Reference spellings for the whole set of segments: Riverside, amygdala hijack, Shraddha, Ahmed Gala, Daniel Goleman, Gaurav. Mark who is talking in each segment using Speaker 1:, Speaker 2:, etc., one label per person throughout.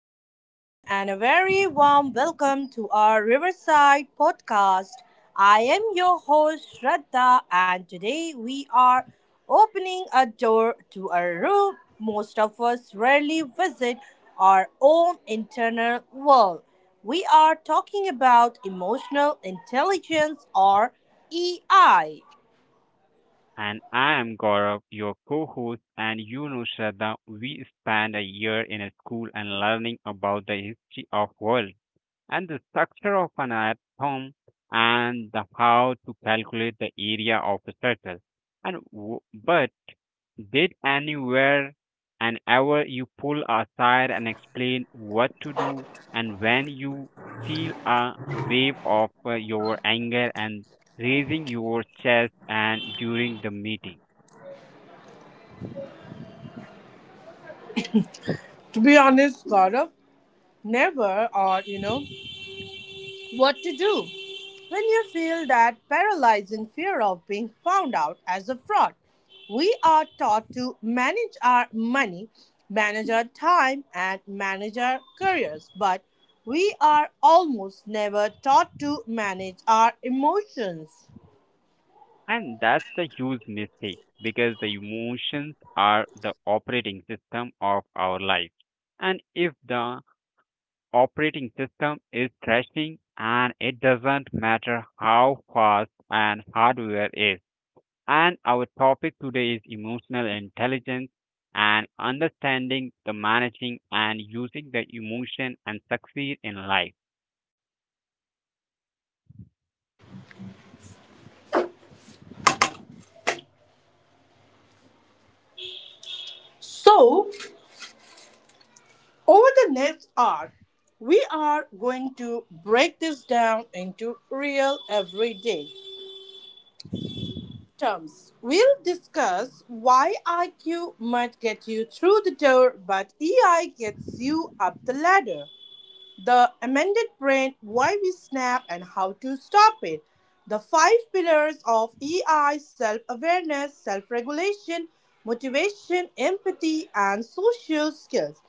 Speaker 1: everyone, and a very warm welcome to our Riverside podcast. I am your host, Shraddha, and today we are opening a door to a room most of us rarely visit our own internal world. We are talking about emotional intelligence or EI.
Speaker 2: And I am Gaurav, your co host, and Shraddha, we spend a year in a school and learning about the history of world and the structure of an atom and the how to calculate the area of a circle. But did anywhere and ever you pull aside and explain what to do and when you feel a wave of your anger and raising your chest and during the meeting?
Speaker 1: To be honest, Gaurav, never or what to do. When you feel that paralyzing fear of being found out as a fraud, we are taught to manage our money, manage our time, and manage our careers, but we are almost never taught to manage our emotions.
Speaker 2: And that's a huge mistake because the emotions are the operating system of our life. And if the operating system is crashing and it doesn't matter how fast and hardware is. And our topic today is emotional intelligence and understanding the managing and using the emotion and succeed in life.
Speaker 1: So, over the next hour, we are going to break this down into real everyday terms. We'll discuss why IQ might get you through the door, but EI gets you up the ladder. The amended brain, why we snap, and how to stop it. The five pillars of EI self awareness, self regulation, motivation, empathy, and social skills.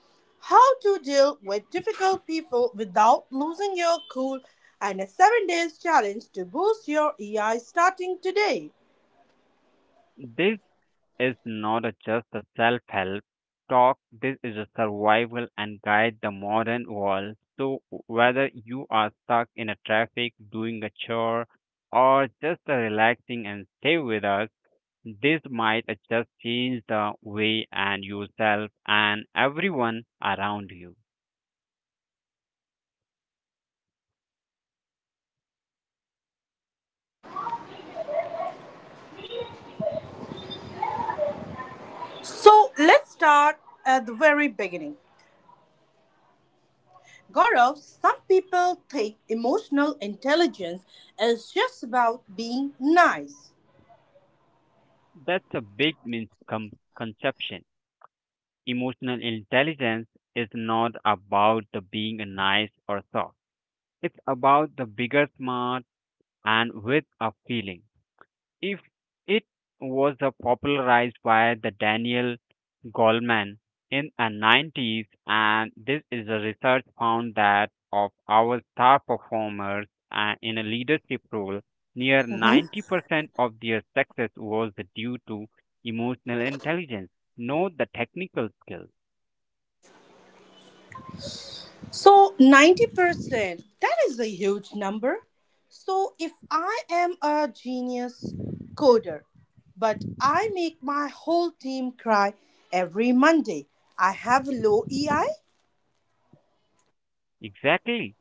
Speaker 1: How to deal with difficult people without losing your cool, and a 7 days challenge to boost your EI starting today.
Speaker 2: This is not a just a self help talk, this is a survival and guide the modern world. So, whether you are stuck in a traffic, doing a chore, or just relaxing and stay with us, this might just change the way and yourself and everyone around you.
Speaker 1: So let's start at the very beginning. Gaurav, some people think emotional intelligence is just about being nice.
Speaker 2: That's a big misconception. Emotional intelligence is not about the being nice or soft. It's about the bigger smart and with a feeling. If it was the popularized by the Daniel Goleman in the 90s, and this is a research found that of our star performers in a leadership role, near
Speaker 1: Mhm.
Speaker 2: 90% of their success was due to emotional intelligence, not the technical skills.
Speaker 1: So 90%, that is a huge number. So if I am a genius coder, but I make my whole team cry every Monday, I have low EI?
Speaker 2: Exactly,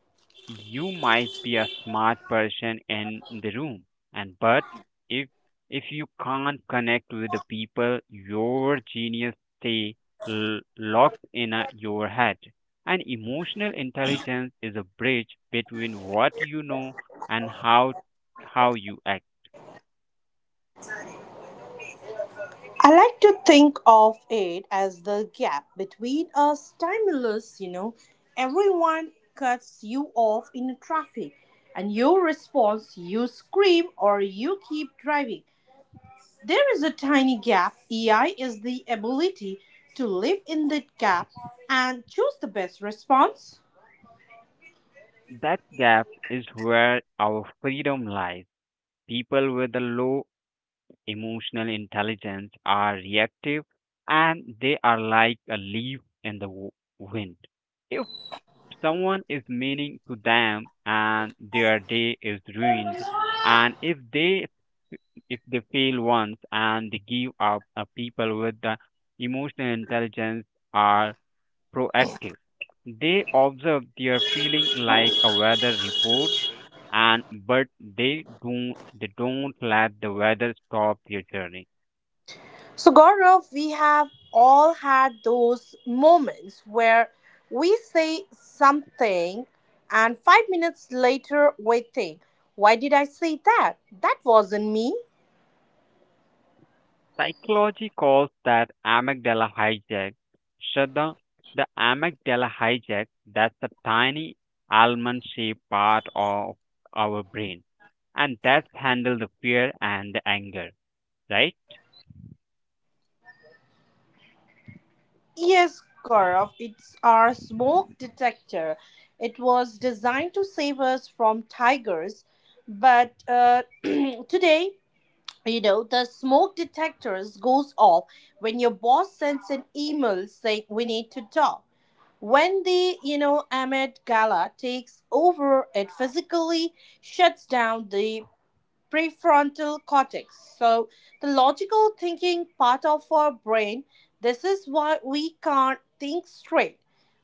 Speaker 2: you might be a smart person in the room and but if if you can't connect with the people your genius stay locked in a, your head, and emotional intelligence is a bridge between what you know and how you act.
Speaker 1: I like to think of it as the gap between a stimulus, everyone cuts you off in traffic, and your response, you scream or you keep driving. There is a tiny gap. EI is the ability to live in that gap and choose the best response.
Speaker 2: That gap is where our freedom lies. People with a low emotional intelligence are reactive, and they are like a leaf in the wind. If someone is meaning to them and their day is ruined, and if they fail once and they give up, people with the emotional intelligence are proactive. They observe their feeling like a weather report, and but they don't let the weather stop their journey.
Speaker 1: So, Gaurav, we have all had those moments where we say something and 5 minutes later we think, why did I say that? That wasn't me.
Speaker 2: Psychology calls that amygdala hijack. Shraddha, the amygdala hijack, that's a tiny almond shaped part of our brain. And that's handle the fear and the anger, right?
Speaker 1: Yes, Gaurav, it's our smoke detector. It was designed to save us from tigers, but today, the smoke detectors goes off when your boss sends an email saying we need to talk. When Ahmed Gala takes over, it physically shuts down the prefrontal cortex. So, the logical thinking part of our brain, this is why we can't think straight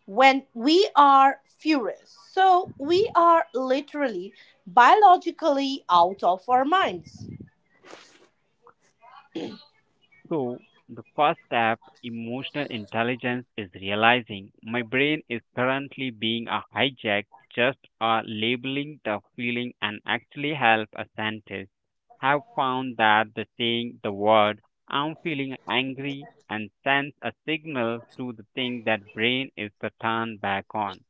Speaker 1: when we are furious. So, we are literally biologically out of our minds.
Speaker 2: So, the first step, emotional intelligence, is realizing my brain is currently being a hijacked. Just labeling the feeling and actually help a scientist have found that the saying the word I'm feeling angry and sends a signal to the thing that brain is to turn back on.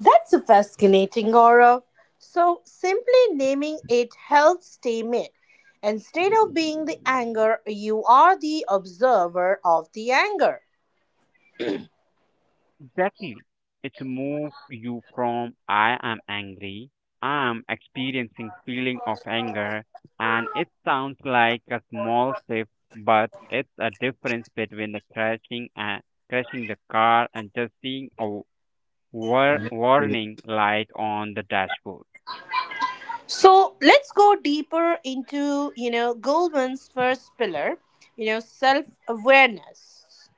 Speaker 1: That's a fascinating aura. So, simply naming it helps tame it. Instead of being the anger, you are the observer of the anger.
Speaker 2: Exactly. It's move you from I am angry, I'm experiencing feeling of anger, and it sounds like a small shift, but it's a difference between the crashing and crashing the car and just seeing a warning light on the dashboard.
Speaker 1: So, let's go deeper into, Goldman's first pillar, self awareness.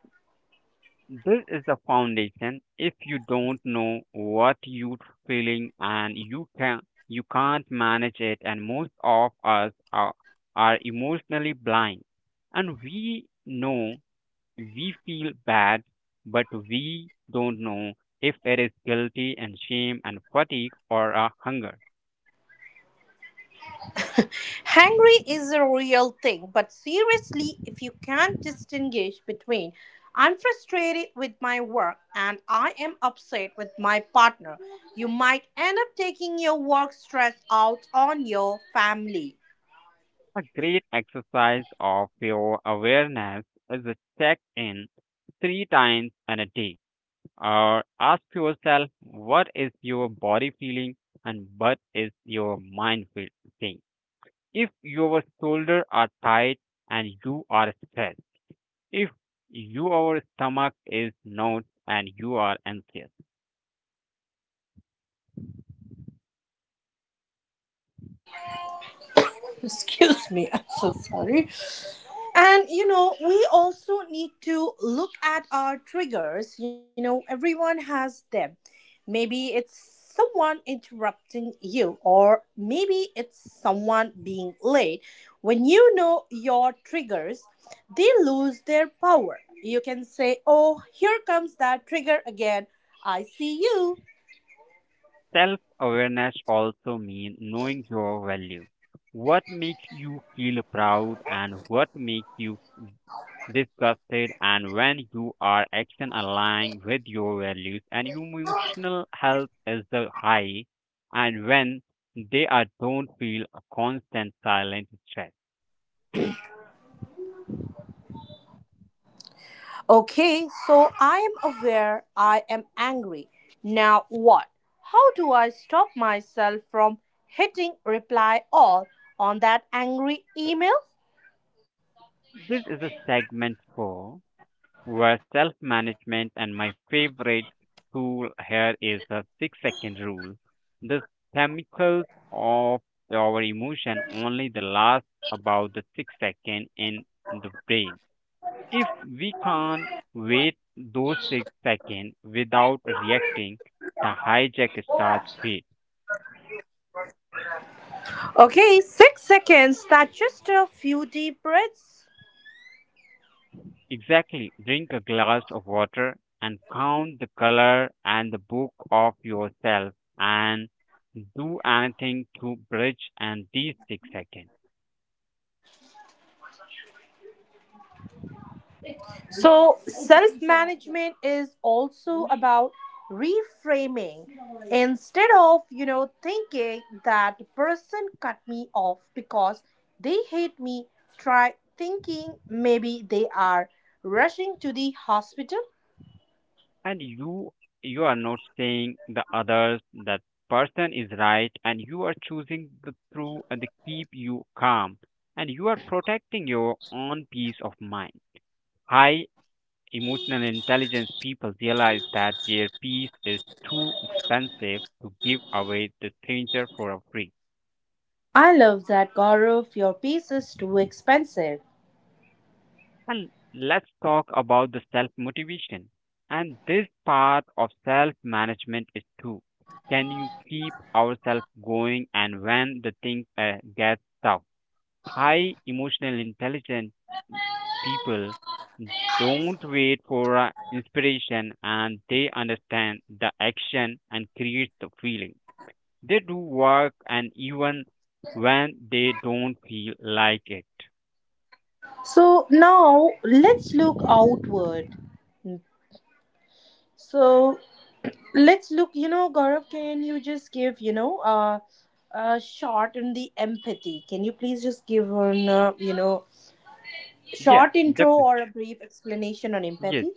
Speaker 2: This is the foundation. If you don't know what you're feeling and you can't manage it, and most of us are emotionally blind, and we know we feel bad, but we don't know if it is guilty and shame and fatigue or a hunger.
Speaker 1: Hungry is a real thing, but seriously, if you can't distinguish between I'm frustrated with my work and I am upset with my partner, you might end up taking your work stress out on your family.
Speaker 2: A great exercise of your awareness is a check in three times in a day, or ask yourself what is your body feeling and what is your mind saying. If your shoulders are tight and you are stressed, if your stomach is not and you are anxious,
Speaker 1: Excuse me, I'm so sorry. And we also need to look at our triggers. Everyone has them. Maybe it's someone interrupting you, or maybe it's someone being late. When you know your triggers, they lose their power. You can say, oh, here comes that trigger again. I see you.
Speaker 2: self awareness also means knowing your value. What makes you feel proud and what makes you disgusted, and when you are action aligned with your values and emotional health is the high, and when they are don't feel a constant silent stress.
Speaker 1: Okay, so I am aware I am angry. Now what? How do I stop myself from hitting reply all on that angry email?
Speaker 2: This is a segment four where self management and my favorite tool here is the 6 second rule. The chemicals of our emotion only the last about the 6 second in the brain. If we can't wait those 6 seconds without reacting, the hijack starts great.
Speaker 1: Okay, 6 seconds. That's just a few deep breaths.
Speaker 2: Exactly. Drink a glass of water and count the color and the book of yourself and do anything to bridge and these 6 seconds.
Speaker 1: So, self management is also about reframing. Instead of, thinking that person cut me off because they hate me, try thinking maybe they are rushing to the hospital.
Speaker 2: And you are not saying the others that person is right, and you are choosing the true and the keep you calm, and you are protecting your own peace of mind. High emotional intelligence people realize that their peace is too expensive to give away to stranger for a free.
Speaker 1: I love that, Gaurav. Your piece is too expensive.
Speaker 2: And let's talk about the self motivation. And this part of self management is too. Can you keep ourselves going and when the thing gets tough? High emotional intelligent people don't wait for inspiration, and they understand the action and create the feeling. They do work and even when they don't feel like it.
Speaker 1: So, now let's look outward. So, let's look, Gaurav, can you just give, a short on the empathy? Can you please just give on,
Speaker 2: Yeah,
Speaker 1: short intro
Speaker 2: definitely.
Speaker 1: or a brief explanation on
Speaker 2: Yes,
Speaker 1: empathy?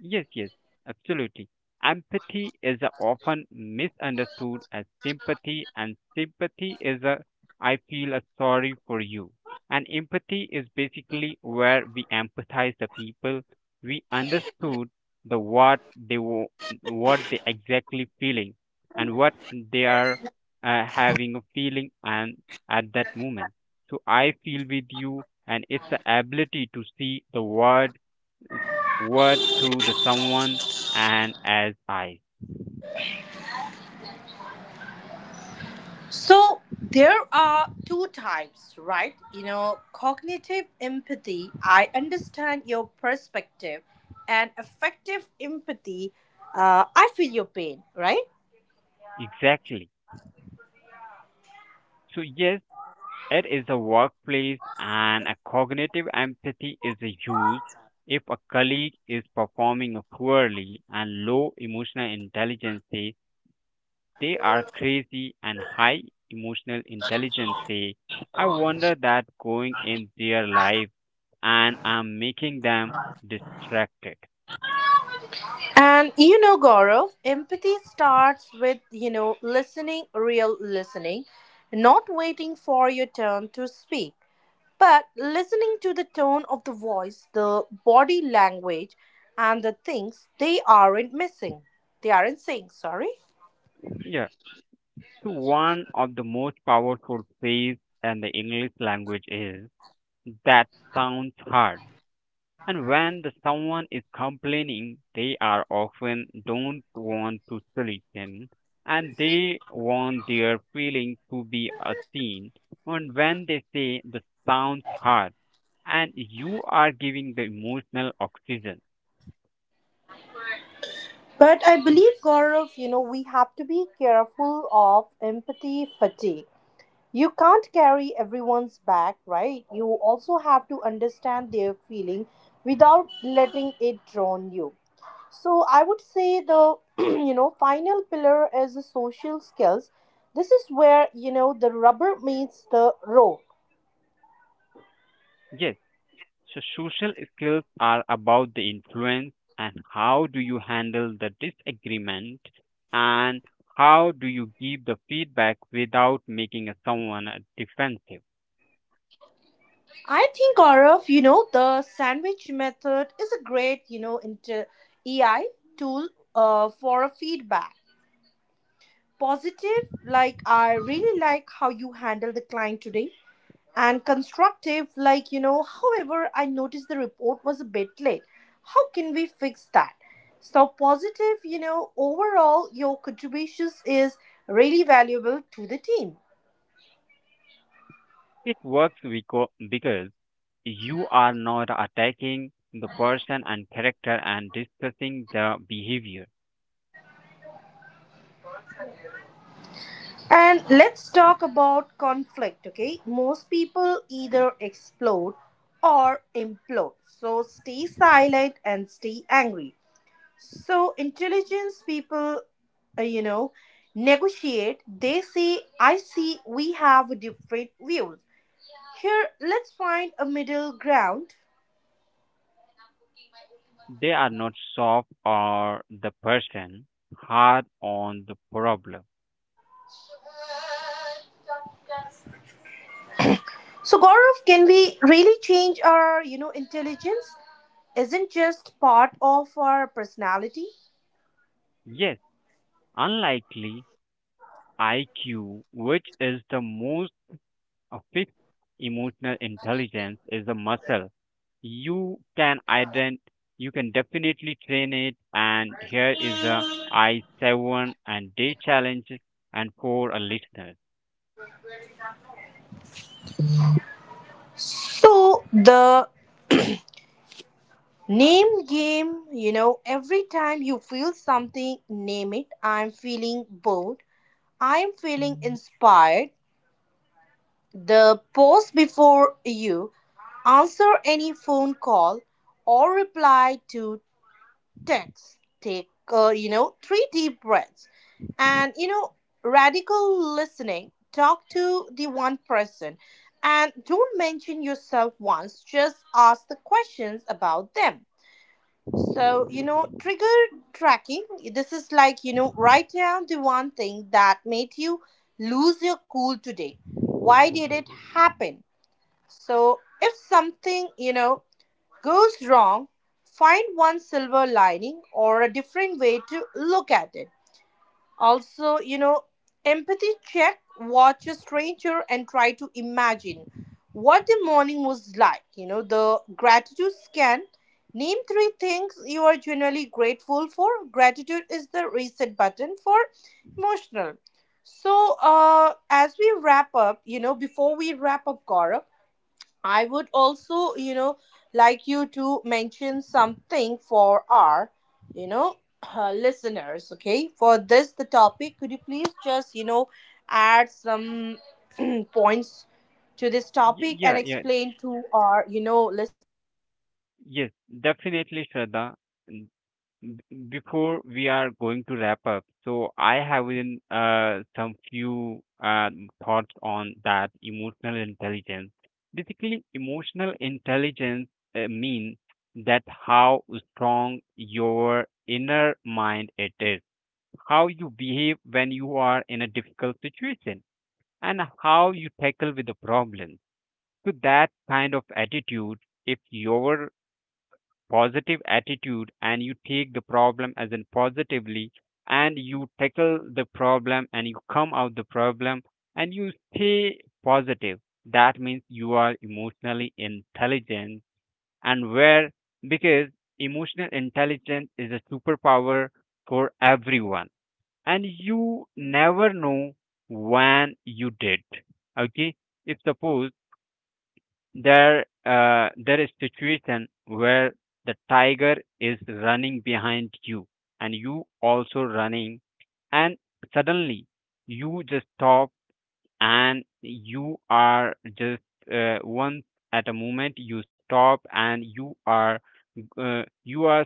Speaker 2: yes, yes, absolutely. Empathy is a often misunderstood as sympathy, and sympathy is a I feel a sorry for you. And empathy is basically where we empathize the people. We understood the what they exactly feeling and what they are having a feeling and at that moment. So I feel with you, and it's the ability to see the world word through the someone and as I.
Speaker 1: So there are two types, right? Cognitive empathy, I understand your perspective, and affective empathy, I feel your pain, right?
Speaker 2: Exactly. So, yes, it is a workplace and a cognitive empathy is used if a colleague is performing poorly, and low emotional intelligence say they are crazy, and high emotional intelligence say I wonder that going in their life and I'm making them distracted.
Speaker 1: And Gaurav, empathy starts with, listening, real listening, not waiting for your turn to speak, but listening to the tone of the voice, the body language, and the things they aren't missing. They aren't saying, sorry.
Speaker 2: Yeah, so one of the most powerful phrase in the English language is that sounds hard. And when the someone is complaining, they are often don't want to solution, and they want their feeling to be a seen. And when they say the sounds hard and you are giving the emotional oxygen.
Speaker 1: But I believe, Gaurav, we have to be careful of empathy fatigue. You can't carry everyone's back, right? You also have to understand their feeling without letting it drown you. So I would say the final pillar is the social skills. This is where the rubber meets the road.
Speaker 2: Yes. So social skills are about the influence, and how do you handle the disagreement, and how do you give the feedback without making a someone defensive.
Speaker 1: I think Gaurav, the sandwich method is a great, EI tool for a feedback. Positive, like I really like how you handle the client today, and constructive, like however I noticed the report was a bit late, how can we fix that? So positive, overall your contributions is really valuable to the team.
Speaker 2: It works because you are not attacking the person and character and discussing the behavior.
Speaker 1: And let's talk about conflict. Okay, most people either explode or implode, so stay silent and stay angry. So intelligence people, uh, you know, negotiate. They see, I see, we have different views. Here, let's find a middle ground.
Speaker 2: They are not soft or the person hard on the problem.
Speaker 1: So Gaurav, can we really change our, intelligence? Isn't just part of our personality.
Speaker 2: Yes, unlikely IQ, which is the most a fixed emotional intelligence is a muscle. You can ident you can definitely train it, and here is a I seven and day challenge and for a listener.
Speaker 1: So the name game, every time you feel something, name it. I'm feeling bored. I'm feeling inspired. The pause before you answer any phone call or reply to text. Take, three deep breaths. And, radical listening. Talk to the one person and don't mention yourself once, just ask the questions about them. So, trigger tracking. This is like, write down the one thing that made you lose your cool today. Why did it happen? So, if something, goes wrong, find one silver lining or a different way to look at it. Also, empathy check, watch a stranger and try to imagine what the morning was like. The gratitude scan. Name three things you are generally grateful for. Gratitude is the reset button for emotional. So, as we wrap up, before we wrap up, Gaurav, I would also, like you to mention something for our, you know, listeners, okay? For this, the topic, could you please just, add some points to this
Speaker 2: Y-
Speaker 1: topic and
Speaker 2: yeah, yeah,
Speaker 1: explain to our, listeners?
Speaker 2: yes, definitely Shraddha. b- Before we are going to wrap up, so I have in some few thoughts on that emotional intelligence. Basically, emotional intelligence means that how strong your inner mind it is, how you behave when you are in a difficult situation, and how you tackle with the problem. So that kind of attitude, if your positive attitude and you take the problem as in positively and you tackle the problem and you come out the problem and you stay positive, that means you are emotionally intelligent, and where because emotional intelligence is a superpower for everyone, and you never know when you did. Okay, if suppose there is situation where the tiger is running behind you, and you also running, and suddenly you just stop, and you are just once at a moment you stop, and you are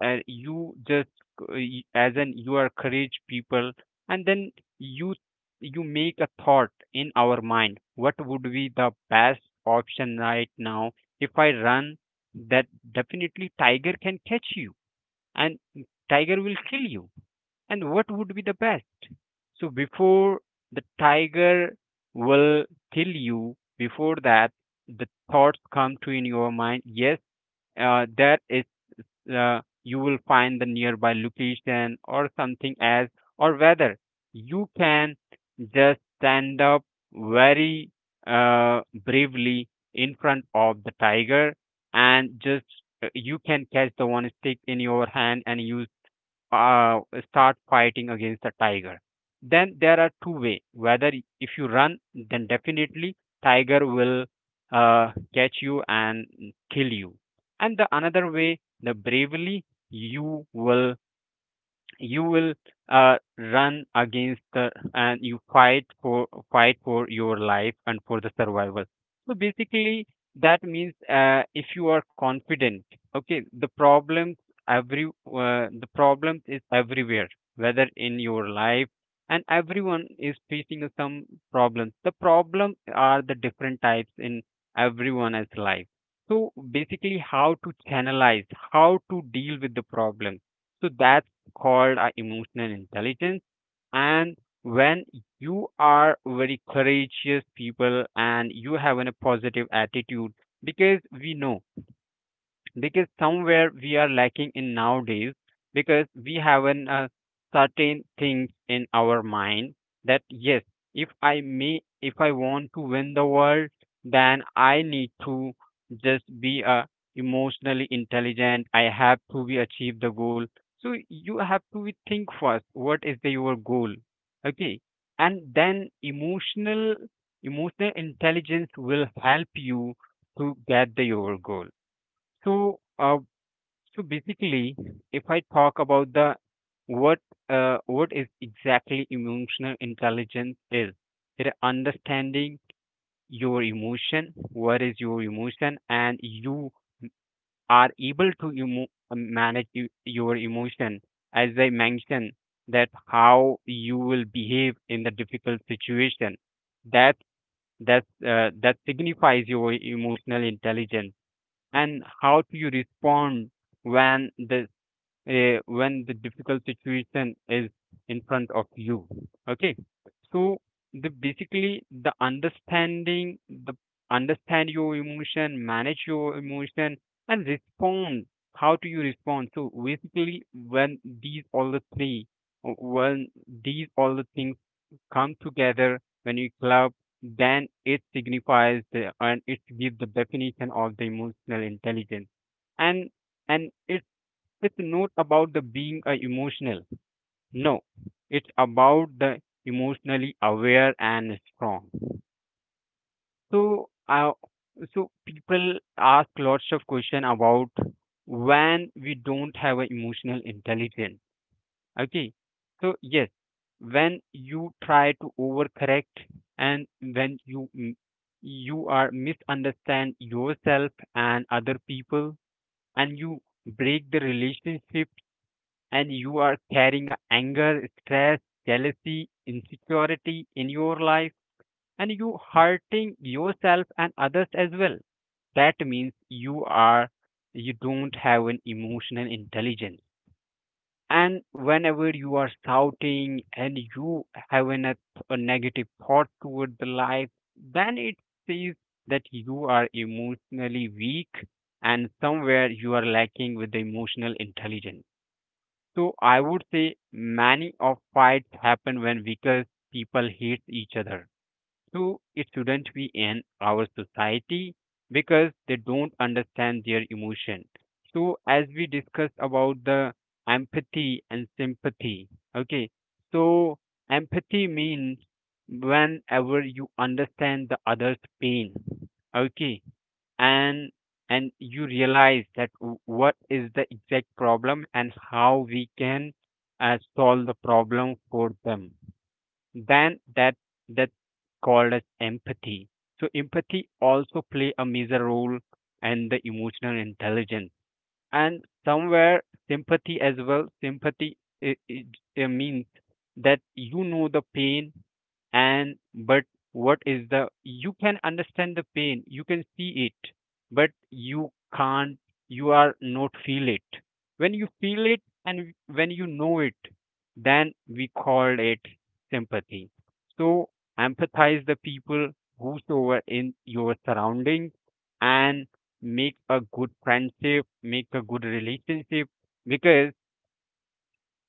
Speaker 2: and you just as an you are courage people, and then you you make a thought in our mind what would be the best option right now. If I run, that definitely tiger can catch you and tiger will kill you, and what would be the best? So before the tiger will kill you, before that the thoughts come to in your mind. Yes, there is, you will find the nearby location or something as, or whether you can just stand up very bravely in front of the tiger, and just you can catch the one stick in your hand and use, uh, start fighting against the tiger. Then there are two way, whether if you run, then definitely tiger will catch you and kill you, and the another way the bravely you will you will run against the and you fight for your life and for the survival. So basically that means if you are confident, okay, the problems, every the problems is everywhere, whether in your life, and everyone is facing some problems. The problem are the different types in everyone's life. So basically how to channelize, how to deal with the problem, so that called emotional intelligence. And when you are very courageous people and you have an a positive attitude, because we know, because somewhere we are lacking in nowadays, because we haven't certain things in our mind. That yes, If I want to win the world, then I need to just be emotionally intelligent. I have to be achieve the goal. So you have to be think first what is your goal. Okay. And then emotional intelligence will help you to get the your goal. so, uh, so basically, if I talk about the what what is exactly emotional intelligence is, it is understanding your emotion, what is your emotion, and you are able to manage your emotion. As I mentioned, that how you will behave in the difficult situation. That that signifies your emotional intelligence and how do you respond when the when the difficult situation is in front of you. Okay. So the basically the understanding the understand your emotion, manage your emotion, and respond, how do you respond. So basically when these all the three when these all the things come together, when you club, then it signifies the, and it gives the definition of the emotional intelligence. And and it, it's not about the being emotional. No, it's about the emotionally aware and strong. So, uh, so people ask lots of question about when we don't have an emotional intelligence. Okay, so yes, when you try to overcorrect and when you you are misunderstand yourself and other people and you break the relationship and you are carrying a anger, stress, jealousy, insecurity in your life, and you hurting yourself and others as well. That means you are, you don't have an emotional intelligence. And whenever you are shouting and you having a negative thought toward the life, then it says that you are emotionally weak and somewhere you are lacking with the emotional intelligence. So I would say many of fights happen when weaker people hate each other. So it shouldn't be in our society because they don't understand their emotion. So as we discussed about the empathy and sympathy, okay. So empathy means whenever you understand the other's pain, okay, and and you realize that what is the exact problem and how we can solve the problem for them, then that's called as empathy. So empathy also play a major role in the emotional intelligence. And somewhere sympathy as well. Sympathy means that you know the pain and but what is the, you can understand the pain, you can see it, but you can't, you are not feel it. When you feel it and when you know it, then we call it sympathy. So empathize the people whosoever in your surroundings, and make a good friendship, make a good relationship. Because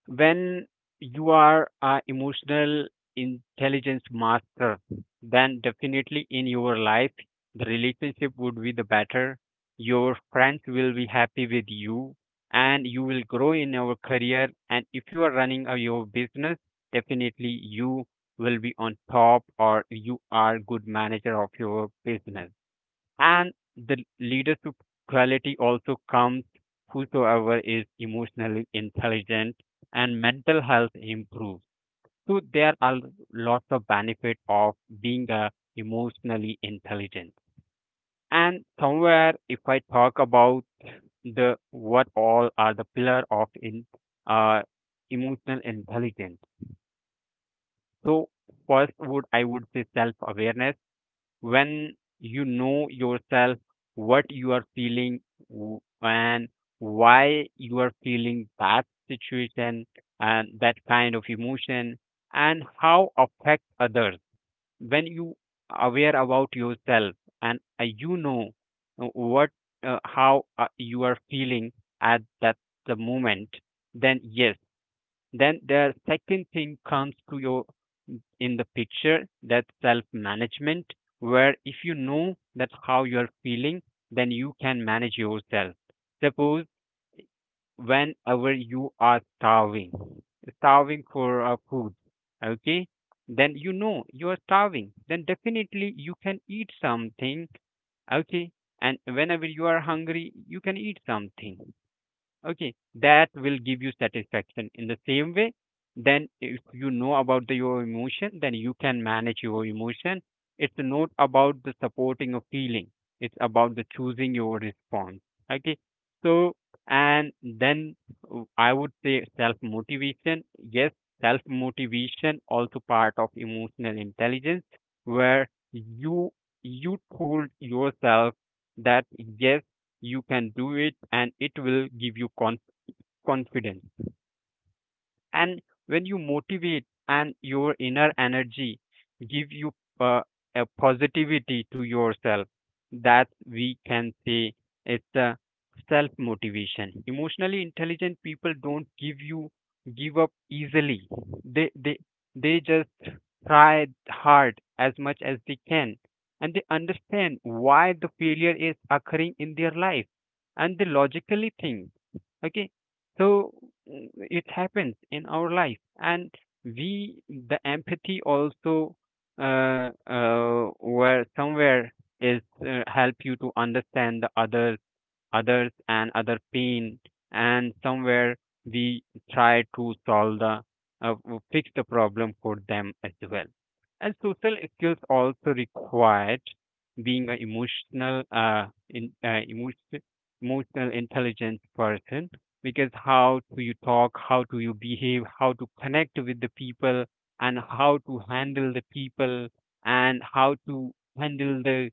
Speaker 2: when you are a emotional intelligence master, then definitely in your life the relationship would be the better. Your friends will be happy with you, and you will grow in your career. And if you are running your business, definitely you will be on top, or you are good manager of your business. And the leadership quality also comes whosoever is emotionally intelligent and mental health improves. So there are lots of benefit of being a emotionally intelligent. And somewhere if I talk about the what all are the pillar of in uh, emotional intelligence. So first would I would say self awareness. When you know yourself, what you are feeling, and why you are feeling that situation and that kind of emotion and how affect others. When you aware about yourself and you know what how you are feeling at that the moment, then yes, then the second thing comes to your in the picture, that self management, where if you know that how you are feeling, then you can manage yourself. Suppose whenever you are starving, starving for food, okay, then you know you are starving, then definitely you can eat something, okay, and whenever you are hungry, you can eat something. Okay, that will give you satisfaction. In the same way, then if you know about your emotion, then you can manage your emotion. It's not about the supporting of feeling, it's about the choosing your response. Okay. So and then I would say self motivation. Yes, self motivation also part of emotional intelligence, where you told yourself that yes, you can do it, and it will give you confidence. And when you motivate and your inner energy give you uh, a positivity to yourself, that we can say it's a self motivation. Emotionally intelligent people don't give you give up easily. They they they just try hard as much as they can, and they understand why the failure is occurring in their life, and they logically think. Okay. So mm, it happens in our life, and we the empathy also where somewhere is help you to understand the other, others and other pain. And somewhere we try to solve the uh, fix the problem for them as well. And social skills also required being an emotional intelligence person, because how do you talk, how do you behave, how to connect with the people, and how to handle the people, and how to handle the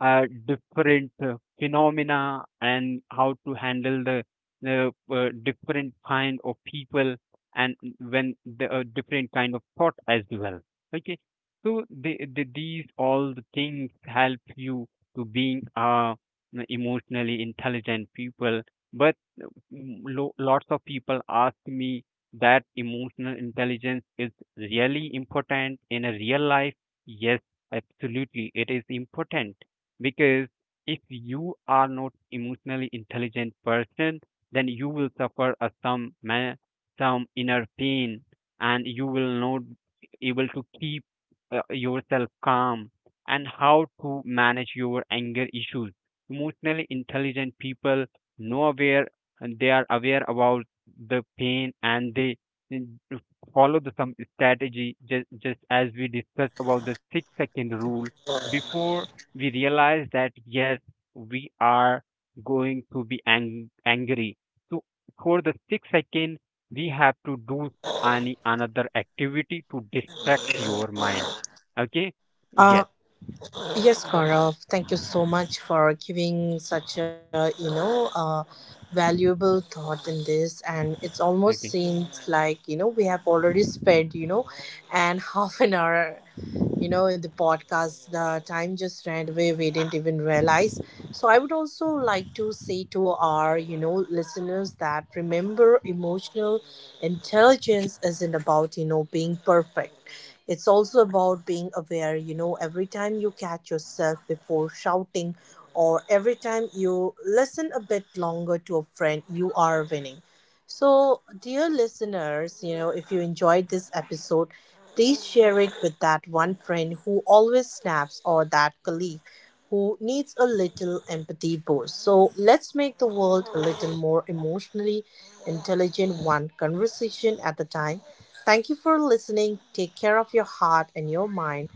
Speaker 2: different phenomena, and how to handle the different kind of people, and when the different kind of thought as well. Okay. So these all the things help you to being emotionally intelligent people. But uh, lots of people ask me that emotional intelligence is really important in a real life. Yes, absolutely it is important, because if you are not emotionally intelligent person, then you will suffer a some inner pain, and you will not able to keep yourself calm and how to manage your anger issues. Emotionally intelligent people know aware, and they are aware about the pain, and they n- follow the some strategy, just as we discussed about the 6 second rule before. We realize that yes, we are going to be angry. So for the six second, we have to do any another activity to distract your mind. Okay? Yes.
Speaker 1: Yes, Gaurav, thank you so much for giving such a, valuable thought in this. And it's almost
Speaker 2: Okay.
Speaker 1: seems like, we have already spent, and half an hour in the podcast. The time just ran away, we didn't even realize. So I would also like to say to our listeners that remember emotional intelligence isn't about being perfect. It's also about being aware. Every time you catch yourself before shouting, or every time you listen a bit longer to a friend, you are winning. So dear listeners, if you enjoyed this episode, please share it with that one friend who always snaps or that colleague who needs a little empathy boost. So let's make the world a little more emotionally intelligent, one conversation at a time. Thank you for listening. Take care of your heart and your mind.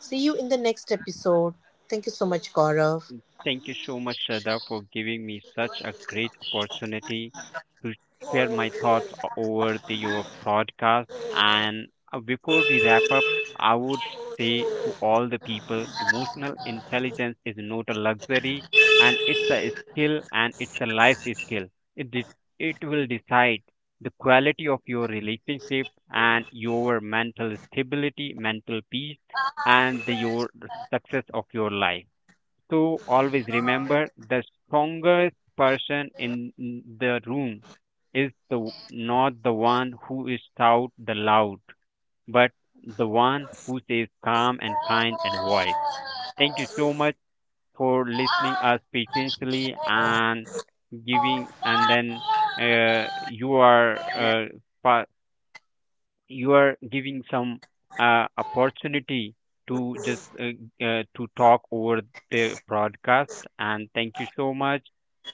Speaker 1: See you in the next episode. Thank you so much, Gaurav.
Speaker 2: Thank you so much, Shraddha, for giving me such a great opportunity to share my thoughts over your podcast. And before we wrap up, I would say to all the people, emotional intelligence is not a luxury, and it's a skill, and it's a life skill. It de- it will decide the quality of your relationship and your mental stability, mental peace, and your success of your life. To always remember the strongest person in the room is the not the one who is shout the loud, but the one who stays calm and kind and wise. Thank you so much for listening us patiently and giving and then you are pa- you are giving some opportunity to just to talk over the broadcast. And thank you so much,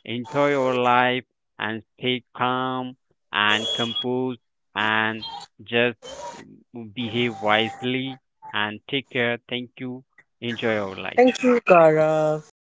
Speaker 2: enjoy your life, and stay calm and composed, and just mm, behave wisely, and take care, thank you, enjoy your life.
Speaker 1: Thank you, Gaurav.